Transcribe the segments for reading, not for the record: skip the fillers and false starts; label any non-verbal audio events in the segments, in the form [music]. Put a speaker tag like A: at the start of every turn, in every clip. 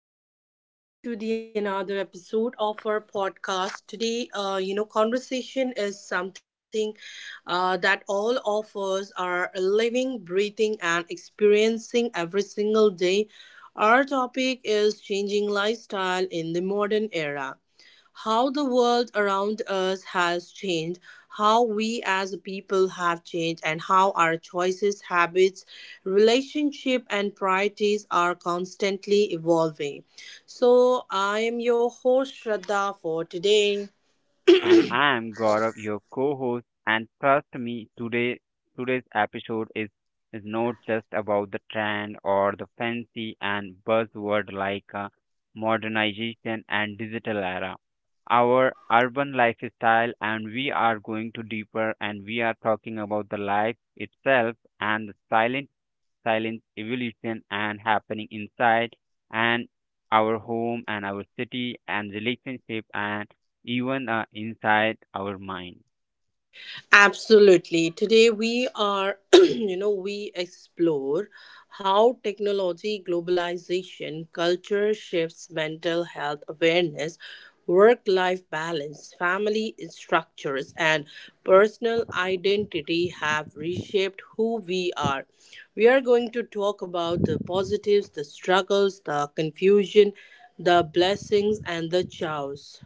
A: everyone, and welcome to the another episode of our podcast. Today, conversation is something that all of us are living, breathing, and experiencing every single day. Our topic is changing lifestyle in the modern era, how the world around us has changed, how we as a people have changed, and how our choices, habits, relationship and priorities are constantly evolving. So, I am your host Shraddha for today.
B: And I am Gaurav, your co-host. And trust me, today's episode is not just about the trend or the fancy and buzzword like modernization and digital era. Our urban lifestyle, and we are going to deeper, and we are talking about the life itself and the silent Silence, evolution and happening inside and our home and our city and relationship and even inside our mind.
A: Absolutely. Today we are, [clears throat] we explore how technology, globalization, culture shifts, mental health awareness, work life balance, family structures, and personal identity have reshaped who we are. We are going to talk about the positives, the struggles, the confusion, the blessings, and the chaos.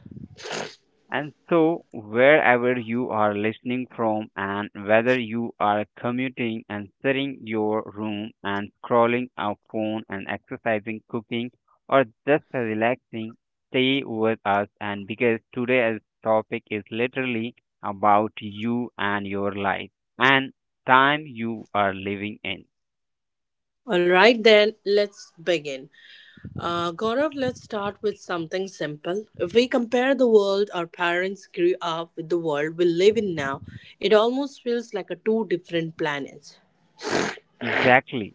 B: And so, wherever you are listening from, and whether you are commuting and sitting your room and scrolling our phone and exercising, cooking, or just relaxing, stay with us. And because today's topic is literally about you and your life and time you are living in.
A: All right, then let's begin. Gaurav, let's start with something simple. If we compare the world our parents grew up with the world we live in now, it almost feels like a two different planets.
B: Exactly.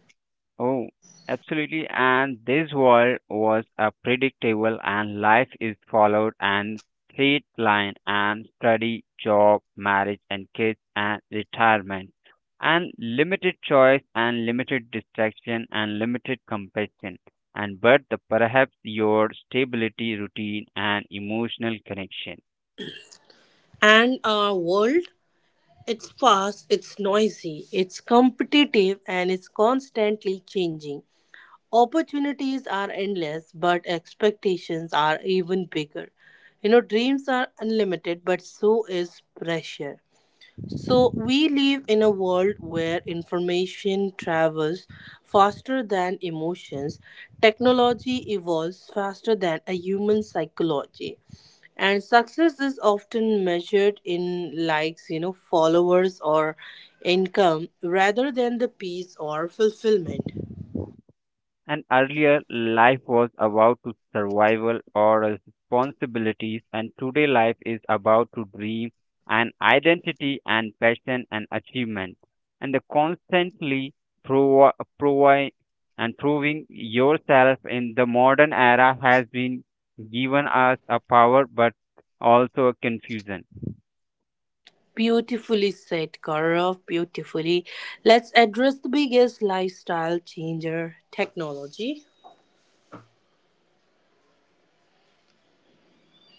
B: Oh, absolutely. And this world was a predictable and life is followed and straight line and study, job, marriage and kids and retirement. And limited choice and limited distraction and limited compassion. And but the perhaps your stability, routine and emotional connection.
A: And our world, it's fast, it's noisy, it's competitive, and it's constantly changing. Opportunities are endless, but expectations are even bigger. You know, dreams are unlimited, but so is pressure. So, we live in a world where information travels faster than emotions, technology evolves faster than a human psychology, and success is often measured in likes, you know, followers, or income rather than the peace or fulfillment.
B: And earlier, life was about to survival or responsibilities, and today life is about to dream and identity and passion and achievement, and the constantly provi- provi- and proving yourself in the modern era has been given us a power but also a confusion.
A: Beautifully said, Gaurav. Beautifully. Let's address the biggest lifestyle changer technology.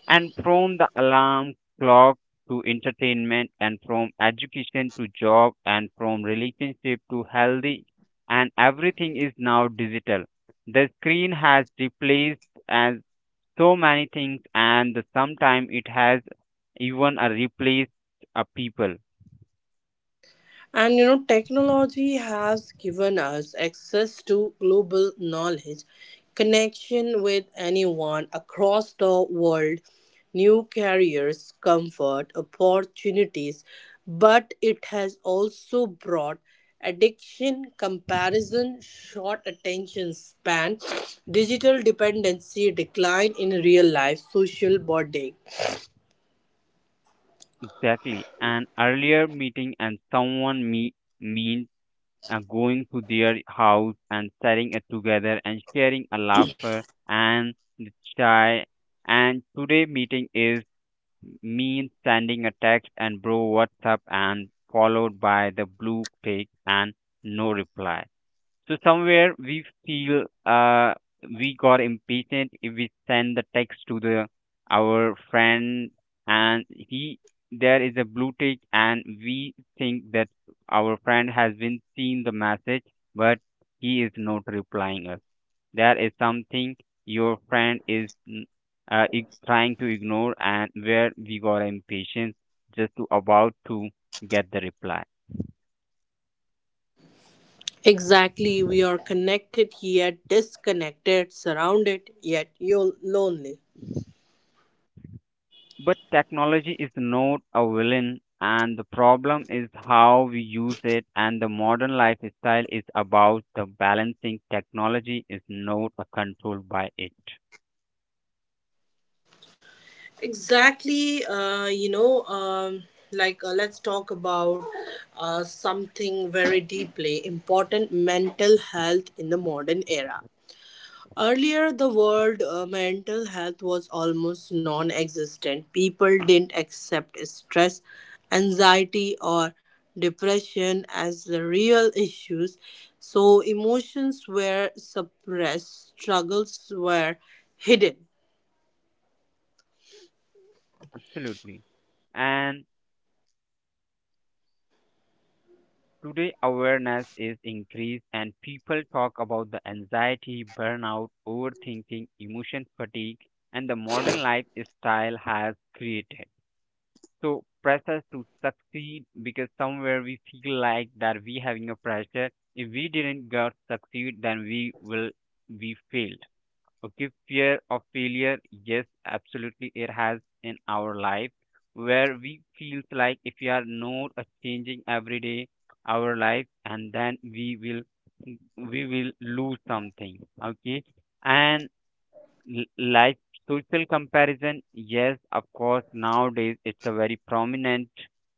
B: And from the alarm clock to entertainment, and from education to job, and from relationship to healthy, and everything is now digital. The screen has replaced as so many things, and sometimes it has even replaced a people.
A: And you know, technology has given us access to global knowledge, connection with anyone across the world, new careers, comfort, opportunities. But it has also brought addiction, comparison, short attention span, digital dependency, decline in real life, social bonding.
B: Exactly. An earlier meeting and someone me meant going to their house and sharing it together and sharing a laughter and the chai. And today meeting is me sending a text and bro what's up and followed by the blue tick and no reply. So somewhere we feel we got impatient if we send the text to the our friend and he there is a blue tick and we think that our friend has been seeing the message but he is not replying us. That is something your friend is trying to ignore and where we got impatient just to about to get the reply.
A: Exactly, we are connected yet disconnected, surrounded yet lonely.
B: But technology is not a villain, and the problem is how we use it. And the modern lifestyle is about the balancing. Technology is not a control by it.
A: Exactly, let's talk about something very deeply important mental health in the modern era. Earlier, the word mental health was almost non existent. People didn't accept stress, anxiety, or depression as the real issues, so emotions were suppressed, struggles were hidden.
B: Absolutely. And today, awareness is increased, and people talk about the anxiety, burnout, overthinking, emotion fatigue, and the modern lifestyle has created. So pressure to succeed because somewhere we feel like that we having a pressure. If we didn't got succeed, then we failed. Okay, fear of failure, yes, absolutely it has in our life where we feels like if we are not changing every day our life and then we will lose something. Okay. And like social comparison, yes, of course, nowadays it's a very prominent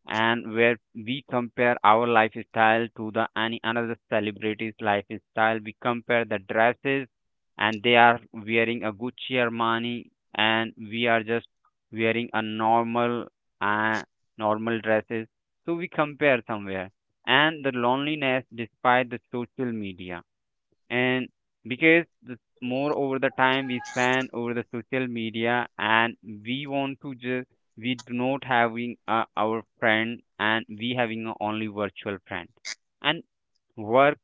B: and where we compare our lifestyle to the any another celebrity's lifestyle. We compare the dresses and they are wearing a Gucci Armani and we are just wearing a normal uh, normal dresses, so we compare somewhere. And the loneliness despite the social media and because the more over the time we spend over the social media and we want to just we do not having our friend and we having a only virtual friend and work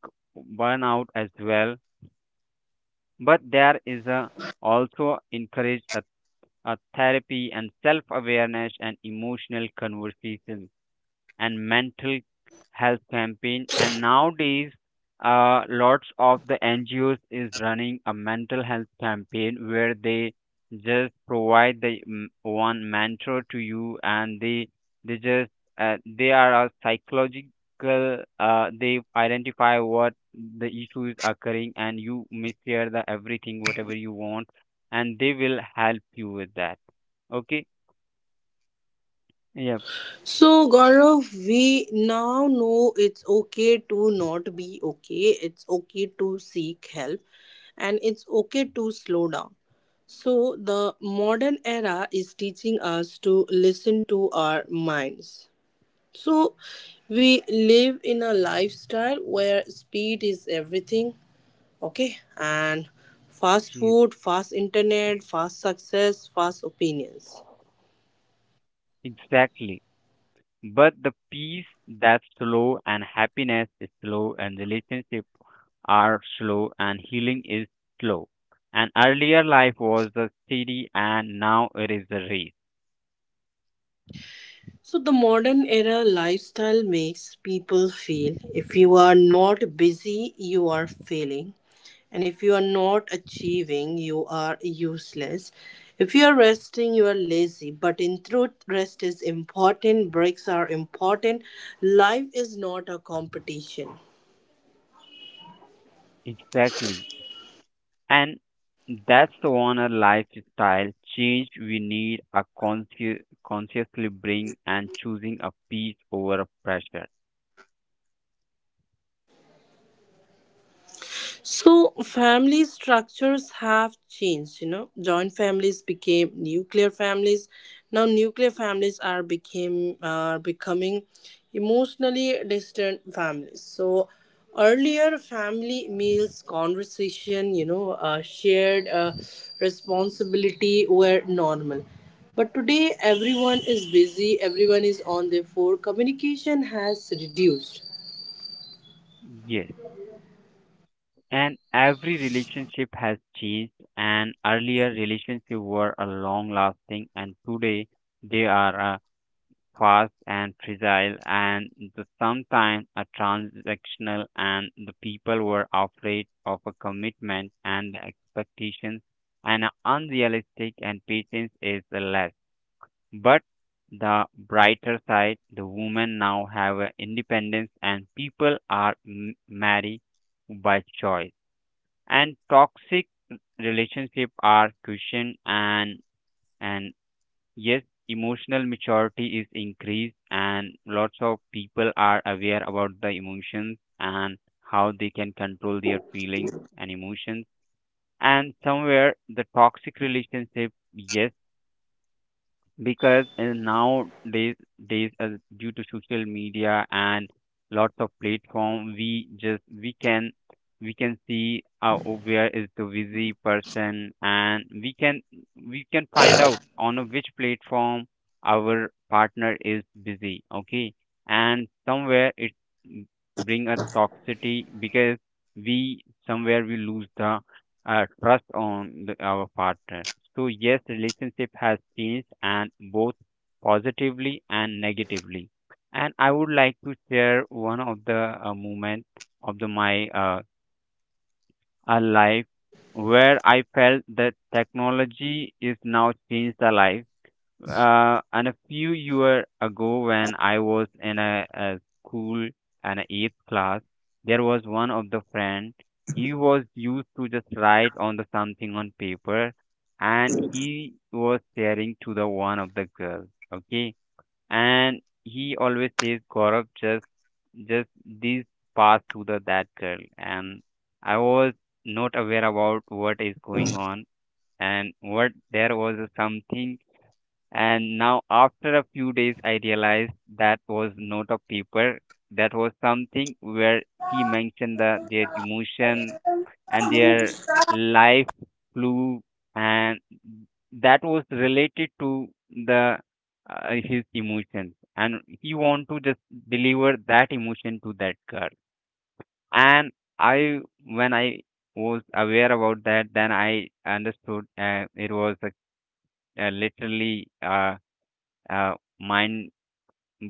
B: burnout as well. But there is a also encourage a therapy and self awareness and emotional conversation and mental health campaign. And nowadays lots of the NGOs is running a mental health campaign where they just provide the one mentor to you. And they just they are a psychological, they identify what the issue is occurring and you may share the everything whatever you want and they will help you with that. Okay. Yeah,
A: So, Gaurav, we now know it's okay to not be okay, it's okay to seek help, and it's okay to slow down. So the modern era is teaching us to listen to our minds. So we live in a lifestyle where speed is everything, okay? And fast
B: yeah,
A: food, fast internet, fast success, fast opinions.
B: exactly. But the peace that's slow and happiness is slow and relationships are slow and healing is slow. And earlier life was the city and now it is the race.
A: So, the modern era lifestyle makes people feel if you are not busy, you are failing. And if you are not achieving, you are useless. If you are resting, you are lazy. But in truth, rest is important, breaks are important. Life is not a competition.
B: Exactly. And that's the one a lifestyle change we need a consciously bring and choosing a peace over a pressure.
A: So, family structures have changed, you know. Joint families became nuclear families. Now, nuclear families are becoming emotionally distant families. So, earlier family meals, conversation, shared responsibility were normal. But today, everyone is busy. Everyone is on their phone. Communication has reduced.
B: Yes. And every relationship has changed, and earlier relationships were a long lasting and today they are fast and fragile and the sometimes a transactional and the people were afraid of a commitment and the expectations and are unrealistic and patience is less. But the brighter side, the women now have a independence and people are married by choice, and toxic relationship are cushioned and yes, emotional maturity is increased and lots of people are aware about the emotions and how they can control their feelings and emotions. And somewhere the toxic relationship, yes, because nowadays days due to social media and lots of platform, we can see where is the busy person, and we can find out on a which platform our partner is busy. Okay. And somewhere it mm, bring a toxicity because we somewhere we lose the trust on the, our partner. So yes, relationship has changed and both positively and negatively. And I would like to share one of the moment of the my life where I felt that technology is now changed the life. And a few years ago, when I was in a school and a eighth class, there was one of the friend. He was used to just write on the something on paper, and he was sharing to the one of the girl. Okay, and he always says, "Gaurav, just this pass to the that girl." And I was not aware about what is going on and what there was something. And now, after a few days, I realized that was not a paper. That was something where he mentioned the, their emotion and their life flew, and that was related to the his emotions. And he want to just deliver that emotion to that girl. And I, when I was aware about that, then I understood it was literally. Uh, Mind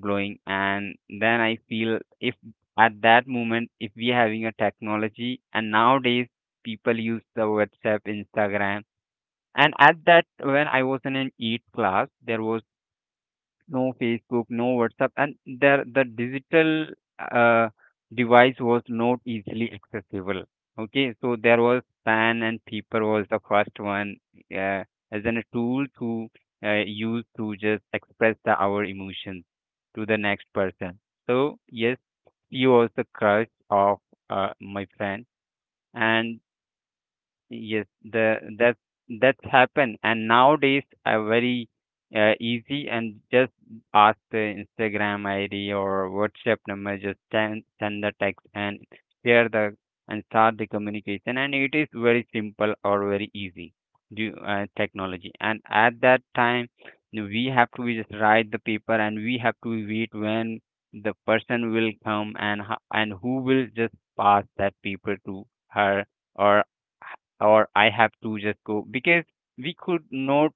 B: blowing. And then I feel if at that moment, if we are having a technology, and nowadays people use the WhatsApp, Instagram. And at that, when I was in an EAT class, there was no Facebook, no WhatsApp, and there the digital uh, device was not easily accessible. Okay, so there was pen and paper was the first one uh, as an a tool to use to just express the, our emotions to the next person. So yes, she was the crush of my friend, and yes, the that's happened, and nowadays are very easy and just ask the Instagram ID or WhatsApp number, just send the text and share the and start the communication, and it is very simple or very easy due technology. And at that time, we have to just write the paper, and we have to wait when the person will come and and who will just pass that paper to her, or or I have to just go, because we could not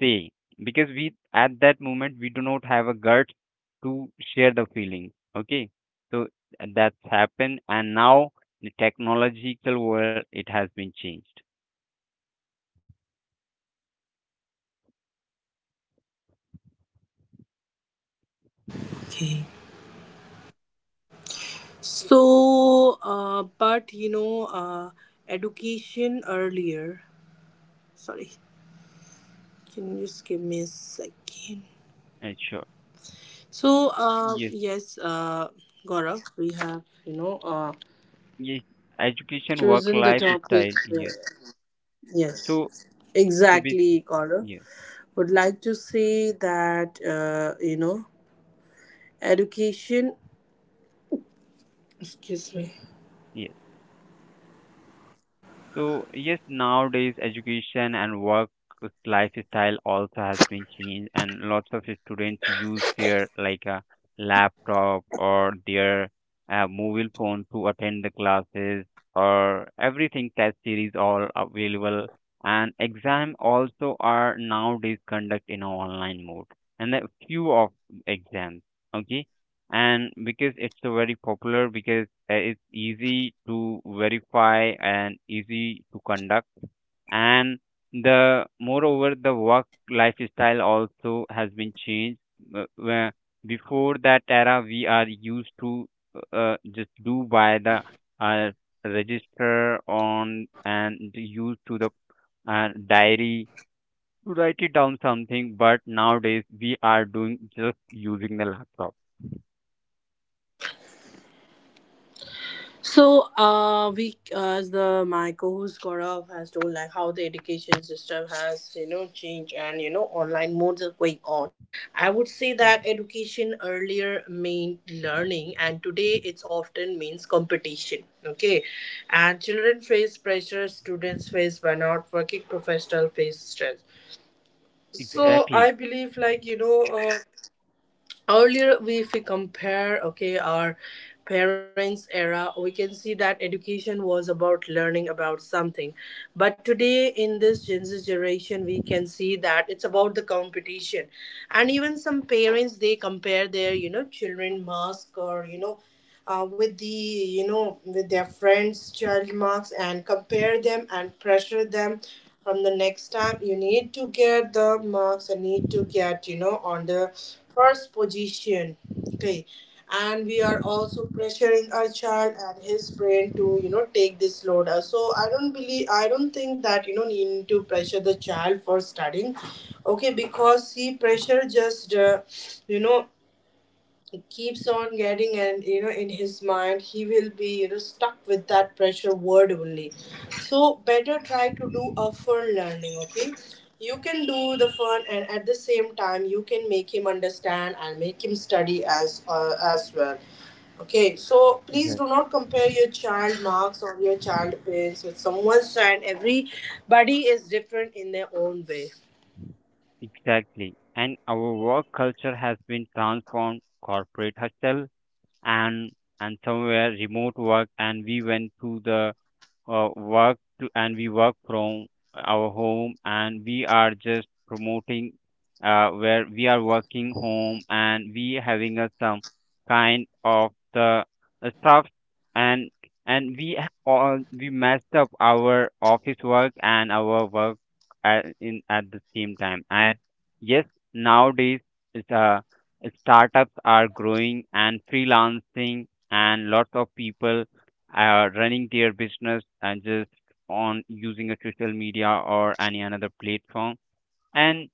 B: say, because we at that moment we do not have a guts to share the feeling. Okay, so that's happened, and now the technological world it has been changed.
A: Okay. So, but you know, education earlier. Sorry, can you just give me a second?
B: Sure.
A: So,
B: Yes.
A: Gaurav, we have
B: Yes. Education, work,
A: chosen the topic.
B: lifestyle,
A: uh,
B: yes.
A: yes,
B: So so basically,
A: exactly, Gaurav. Would like to say that education. Excuse me.
B: yes. So yes, nowadays education and work lifestyle also has been changed, and lots of students use their like a laptop or their mobile phone to attend the classes or everything, test series all available, and exam also are nowadays conduct in a online mode and a few of exams. Okay. And because it's a very popular because it's easy to verify and easy to conduct. And the moreover, the work lifestyle also has been changed. Where before that era, we are used to just do by the uh, register on and used to the diary to write it down something. But nowadays, we are doing just using the laptop.
A: So, we, as the my co-host Gaurav has told, like how the education system has, you know, changed and you know online modes are going on. I would say that education earlier meant learning, and today it's often means competition. Okay, and children face pressure, students face burnout, working professional face stress. So
B: Exactly.
A: I believe like you know. Earlier if we compare, okay, our parents era, we can see that education was about learning about something, but today in this gen z generation we can see that it's about the competition, and even some parents they compare their, you know, children mask or you know with the, you know, with their friends child marks, and compare them and pressure them from the next time you need to get the marks and need to get, you know, on the first position, okay, and we are also pressuring our child and his brain to, you know, take this load. So I don't think that you know need to pressure the child for studying, okay, because see, pressure just you know he keeps on getting, and you know in his mind he will be, you know, stuck with that pressure word only. So better try to do a fun learning, okay, you can do the fun, and at the same time you can make him understand and make him study as well. Okay, so please
B: Yes.
A: do not compare your child marks or your child grades with someone's child. Everybody is different in their own way.
B: Exactly. And our work culture has been transformed, corporate hustle and and somewhere remote work, and we went through the work to, and we work from our home. And we are just promoting where we are working home and we having a some kind of the stuff. And and all we messed up our office work and our work at, in at the same time. And yes, nowadays it's startups are growing and freelancing, and lots of people running their business and just on using a social media or any another platform. and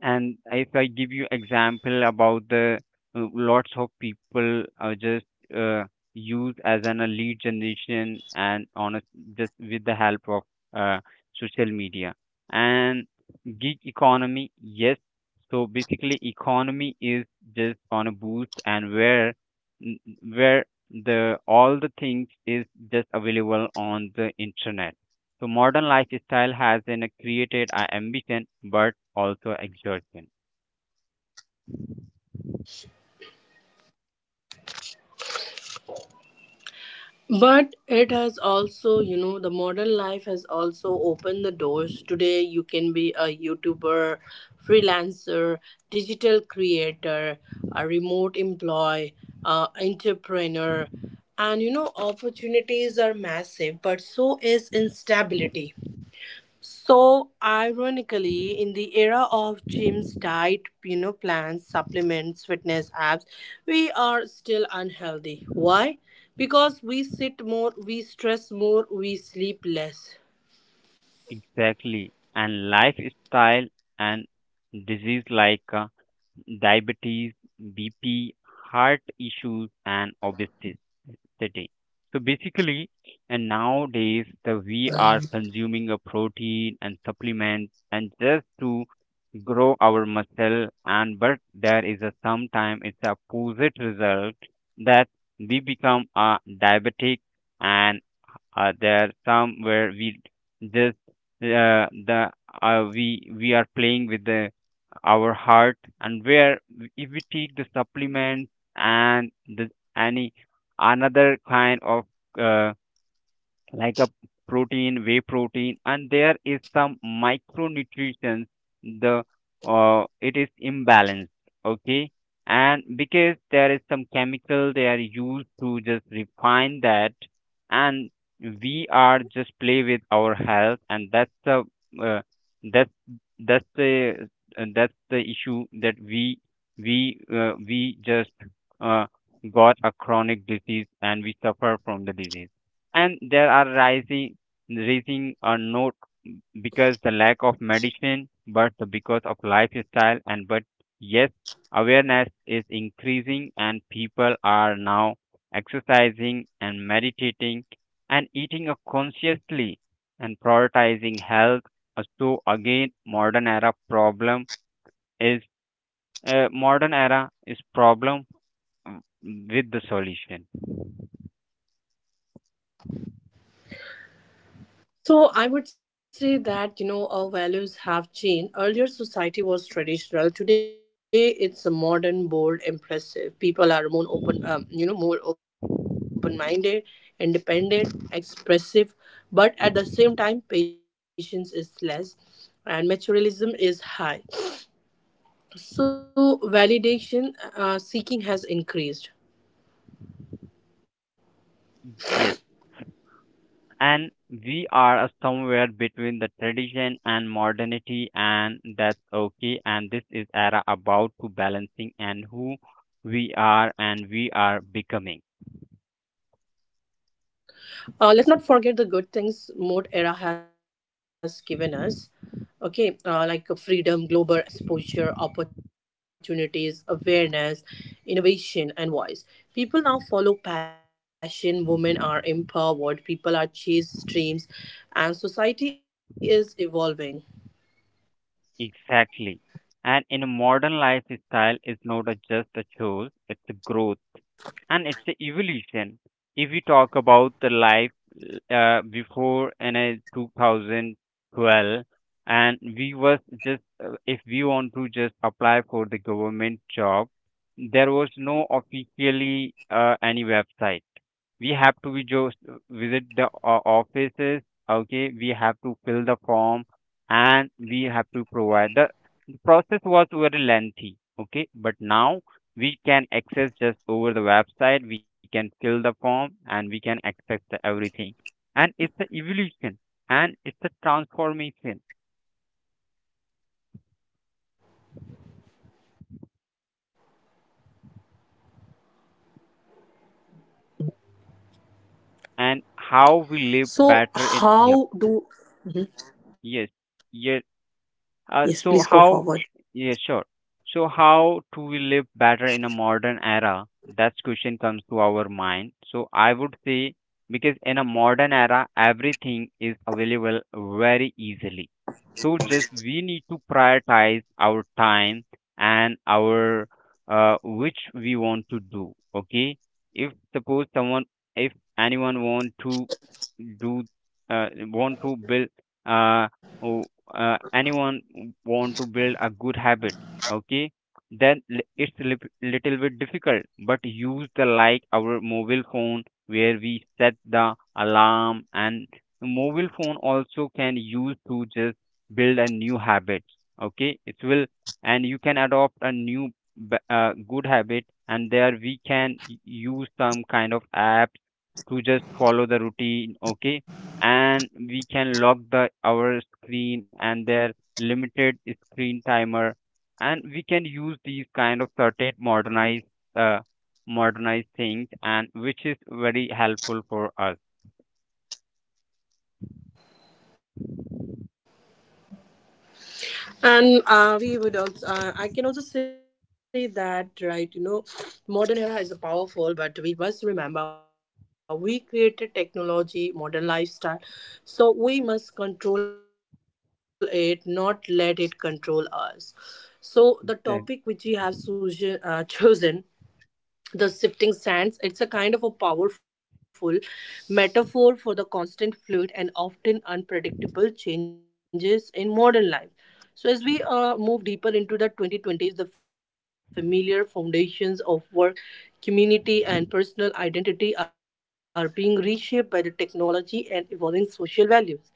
B: and if I give you example about the lots of people are just uh, used as an a lead generation, and on a, just with the help of uh, social media and gig economy. Yes, so basically economy is just on a boost, and where n- where the all the things is just available on the internet. So modern lifestyle has in a created a ambition, but also exertion.
A: But it has also, you know, the modern life has also opened the doors. Today, you can be a YouTuber, freelancer, digital creator, a remote employee, entrepreneur, and you know, opportunities are massive, but so is instability. So ironically, in the era of gyms, diet, you know, plans, supplements, fitness apps, we are still unhealthy. Why? Because we sit more, we stress more, we sleep less.
B: Exactly. And lifestyle and disease like diabetes, BP, heart issues and obesity. So basically, and nowadays the we are consuming a protein and supplements and just to grow our muscle, and but there is a sometime it's opposite result that we become a diabetic. And there are some where we just the we are playing with the our heart, and where if we take the supplements and the any another kind of uh, like a protein, whey protein, and there is some micronutrients. The It is imbalanced, okay, and because there is some chemical they are used to just refine that, and we are just play with our health, and uh, that's that's the that's the issue that we just uh, got a chronic disease and we suffer from the disease. And there are rising rising are not because the lack of medicine, but because of lifestyle. And but yes, awareness is increasing, and people are now exercising and meditating and eating a consciously and prioritizing health. So again modern era problem is modern era is problem uh, with the solution.
A: So I would say that you know our values have changed. Earlier society was traditional. Today it's a modern, bold, impressive. People are more open, more open-minded, independent, expressive, but at the same time, patience is less, and materialism is high. So validation seeking has increased.
B: Yes, and we are somewhere between the tradition and modernity, and that's okay, and this is era about to balancing and who we are and we are becoming.
A: Let's not forget the good things mode era has given us. Okay, freedom, global exposure, opportunities, awareness, innovation, and voice. People now follow passion, women are empowered, people are chased dreams, and society is evolving.
B: Exactly. And in a modern lifestyle is not a just a choice, it's a growth and it's the evolution. If we talk about the life before in a 2012, and we was just if we want to just apply for the government job, there was no officially any website. We have to be just visit the offices. Okay, we have to fill the form and we have to provide the process was very lengthy. Okay, but now we can access just over the website, we can fill the form and we can access the everything. And it's the evolution and it's the transformation and how
A: So,
B: we live better
A: how
B: in. Yep.
A: do. Mhm.
B: Yes. Yes.
A: Yes, please go
B: Uh,
A: forward.
B: so how, yeah, sure. So how do we live better in a modern era? That question comes to our mind. So I would say because in a modern era everything is available very easily. So just we need to prioritize our time and our which we want to do. Okay, if suppose someone, if anyone want to do uh, want to build uh, oh, anyone want to build a good habit. Okay, then it's a little bit difficult, but use the like our mobile phone where we set the alarm, and mobile phone also can use to just build a new habit. Okay, it will, and you can adopt a new good habit, and there we can use some kind of apps to just follow the routine. Okay, and we can lock the our screen and their limited screen timer, and we can use these kind of certain modernized uh, modernized things, and which is very helpful for us.
A: And we would also, I can also say that, right, you know, modern era is powerful, but we must remember we created technology, modern lifestyle. So we must control it, not let it control us. So the topic which we
B: Exact-
A: have [laughs] chosen the sifting sands, it's a kind of a powerful metaphor for the constant fluid and often unpredictable changes in modern life. So as we move deeper into the 2020s, the familiar foundations of work, community and personal identity are being reshaped by the technology and evolving social values.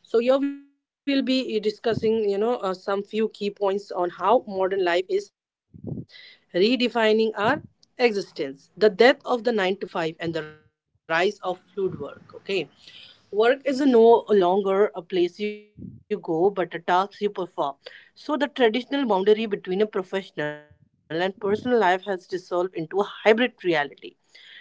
A: So here we'll be discussing, some few key points on how modern life is redefining our existence. The death of the 9 to 5 and the rise of fluid work, okay? Work is a no longer a place you go but a task you perform. So the traditional boundary between a professional and personal life has dissolved into a hybrid reality.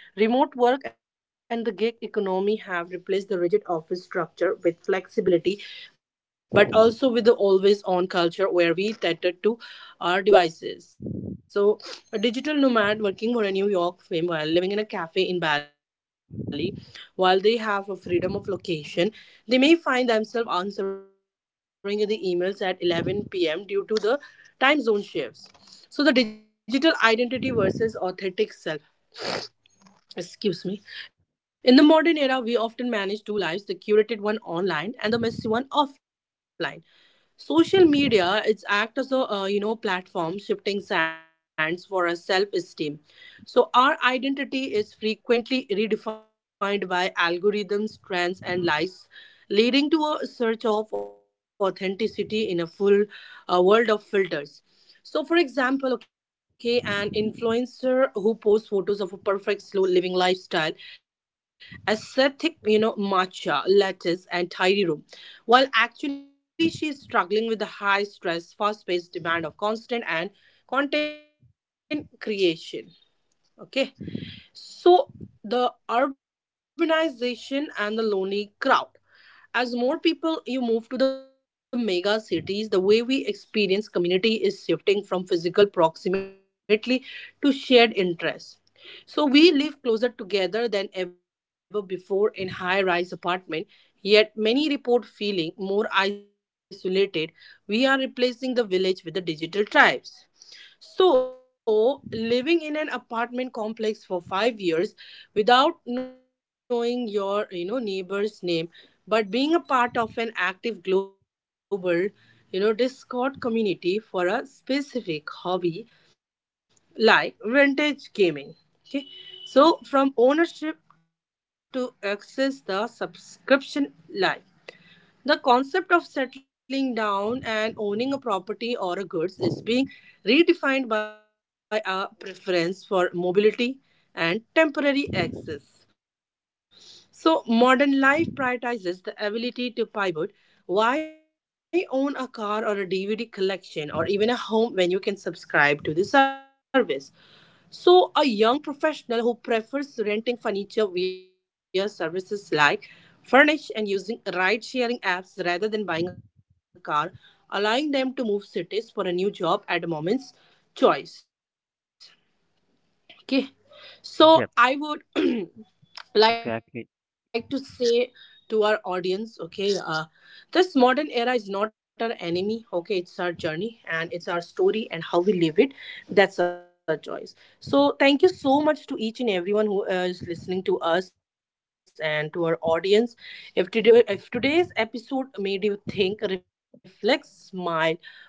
A: Remote work and the gig economy have replaced the rigid office structure with flexibility, but also with the always on culture where we tether to our devices. So, a digital nomad working for a New York firm while living in a cafe in Bali, while they have a freedom of location, they may find themselves answering the emails at 11 p.m. due to the time zone shifts. So, the digital identity versus authentic self. Excuse me. In the modern era, we often manage two lives, the curated one online and the messy one offline. Social media is act as a platform shifting sands for our self esteem. So our identity is frequently redefined by algorithms, trends, and lies, leading to a search of authenticity in a full world of filters. So, for example, okay, an influencer who posts photos of a perfect slow living lifestyle, aesthetic, you know, matcha, lettuce, and tidy room, while actually she is struggling with the high stress, fast paced demand of constant and content creation. Okay, so the urbanization and the lonely crowd, as more people you move to the mega cities, the way we experience community is shifting from physical proximity to shared interests. So we live closer together than ever before in high-rise apartment, yet many report feeling more isolated. We are replacing the village with the digital tribes. So, living in an apartment complex for 5 years without knowing your, you know, neighbor's name, but being a part of an active global, you know, Discord community for a specific hobby like vintage gaming. Okay, so from ownership to access the subscription life. The concept of settling down and owning a property or a goods is being redefined by a preference for mobility and temporary access. So, modern life prioritizes the ability to pivot. Why own a car or a DVD collection or even a home when you can subscribe to the service? So, a young professional who prefers renting furniture via services like Furnish and using ride sharing apps rather than buying a car, allowing them to move cities for a new job at a moment's choice. Okay, so
B: yep.
A: I would, [clears throat] like to
B: Exactly.
A: say to our audience, okay, this modern era is not our enemy, okay, it's our journey and it's our story, and how we live it, that's our choice. So thank you so much to each and everyone who is listening to us and to our audience. If today
B: Okay.
A: if today's episode made you think, reflect, smile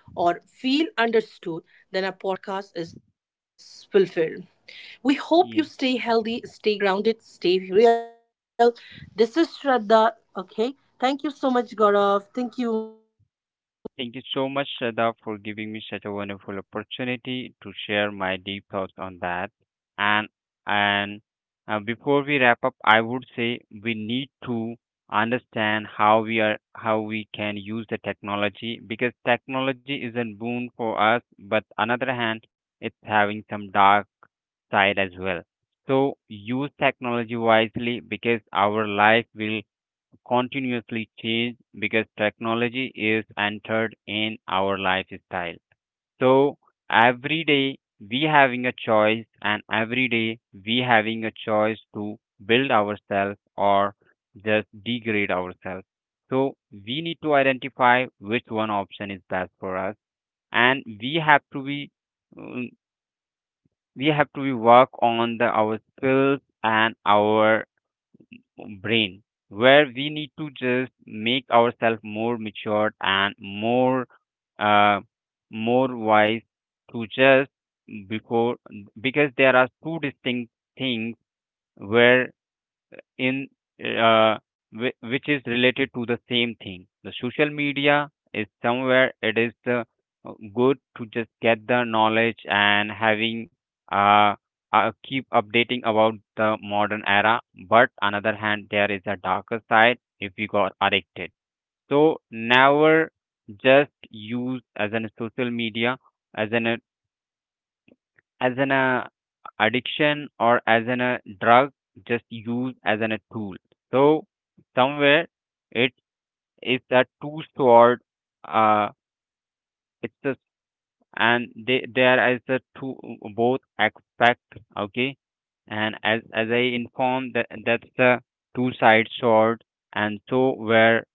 A: or feel understood, then our podcast is fulfilled. We hope you
B: Yes.
A: stay healthy, stay grounded, stay real. This is Shraddha. Okay. Thank you so much, Gaurav. Thank you.
B: Thank you so much, Shraddha, for giving me such a wonderful opportunity to share my deep thoughts on that. And and Before we wrap up, I would say we need to understand how we are how we can use the technology, because technology is a boon for us, but on other hand, it's having some dark side as well. So use technology wisely, because our life will continuously change because technology is entered in our lifestyle. So every day we having a choice and every day we having a choice to build ourselves or just degrade ourselves. So we need to identify which one option is best for us, and we have to be um, we have to be work on the our skills and our brain, where we need to just make ourselves more matured and more uh, more wise to just before, because there are two distinct things where in uh, which is related to the same thing. The social media is somewhere it is good to just get the knowledge and having uh, keep updating about the modern era. But another hand, there is a darker side if we got addicted. So never just use as an social media as an as an uh, addiction or as an a drug, just used as an a tool. So somewhere it is a two sword uh it's a and they there is a two both aspect. Okay, and as I informed that that's the two side sword, and so where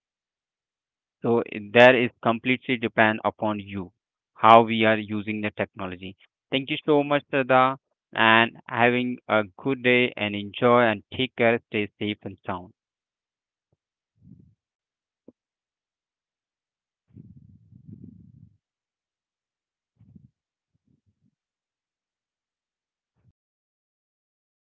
B: that is completely depend upon you, how we are using the technology. Thank you so much, Sada, and having a good day and enjoy and take care, stay safe and sound.
A: Thank you so much, Gaurav. This is Shraddha signing off, guys. Take care. See you in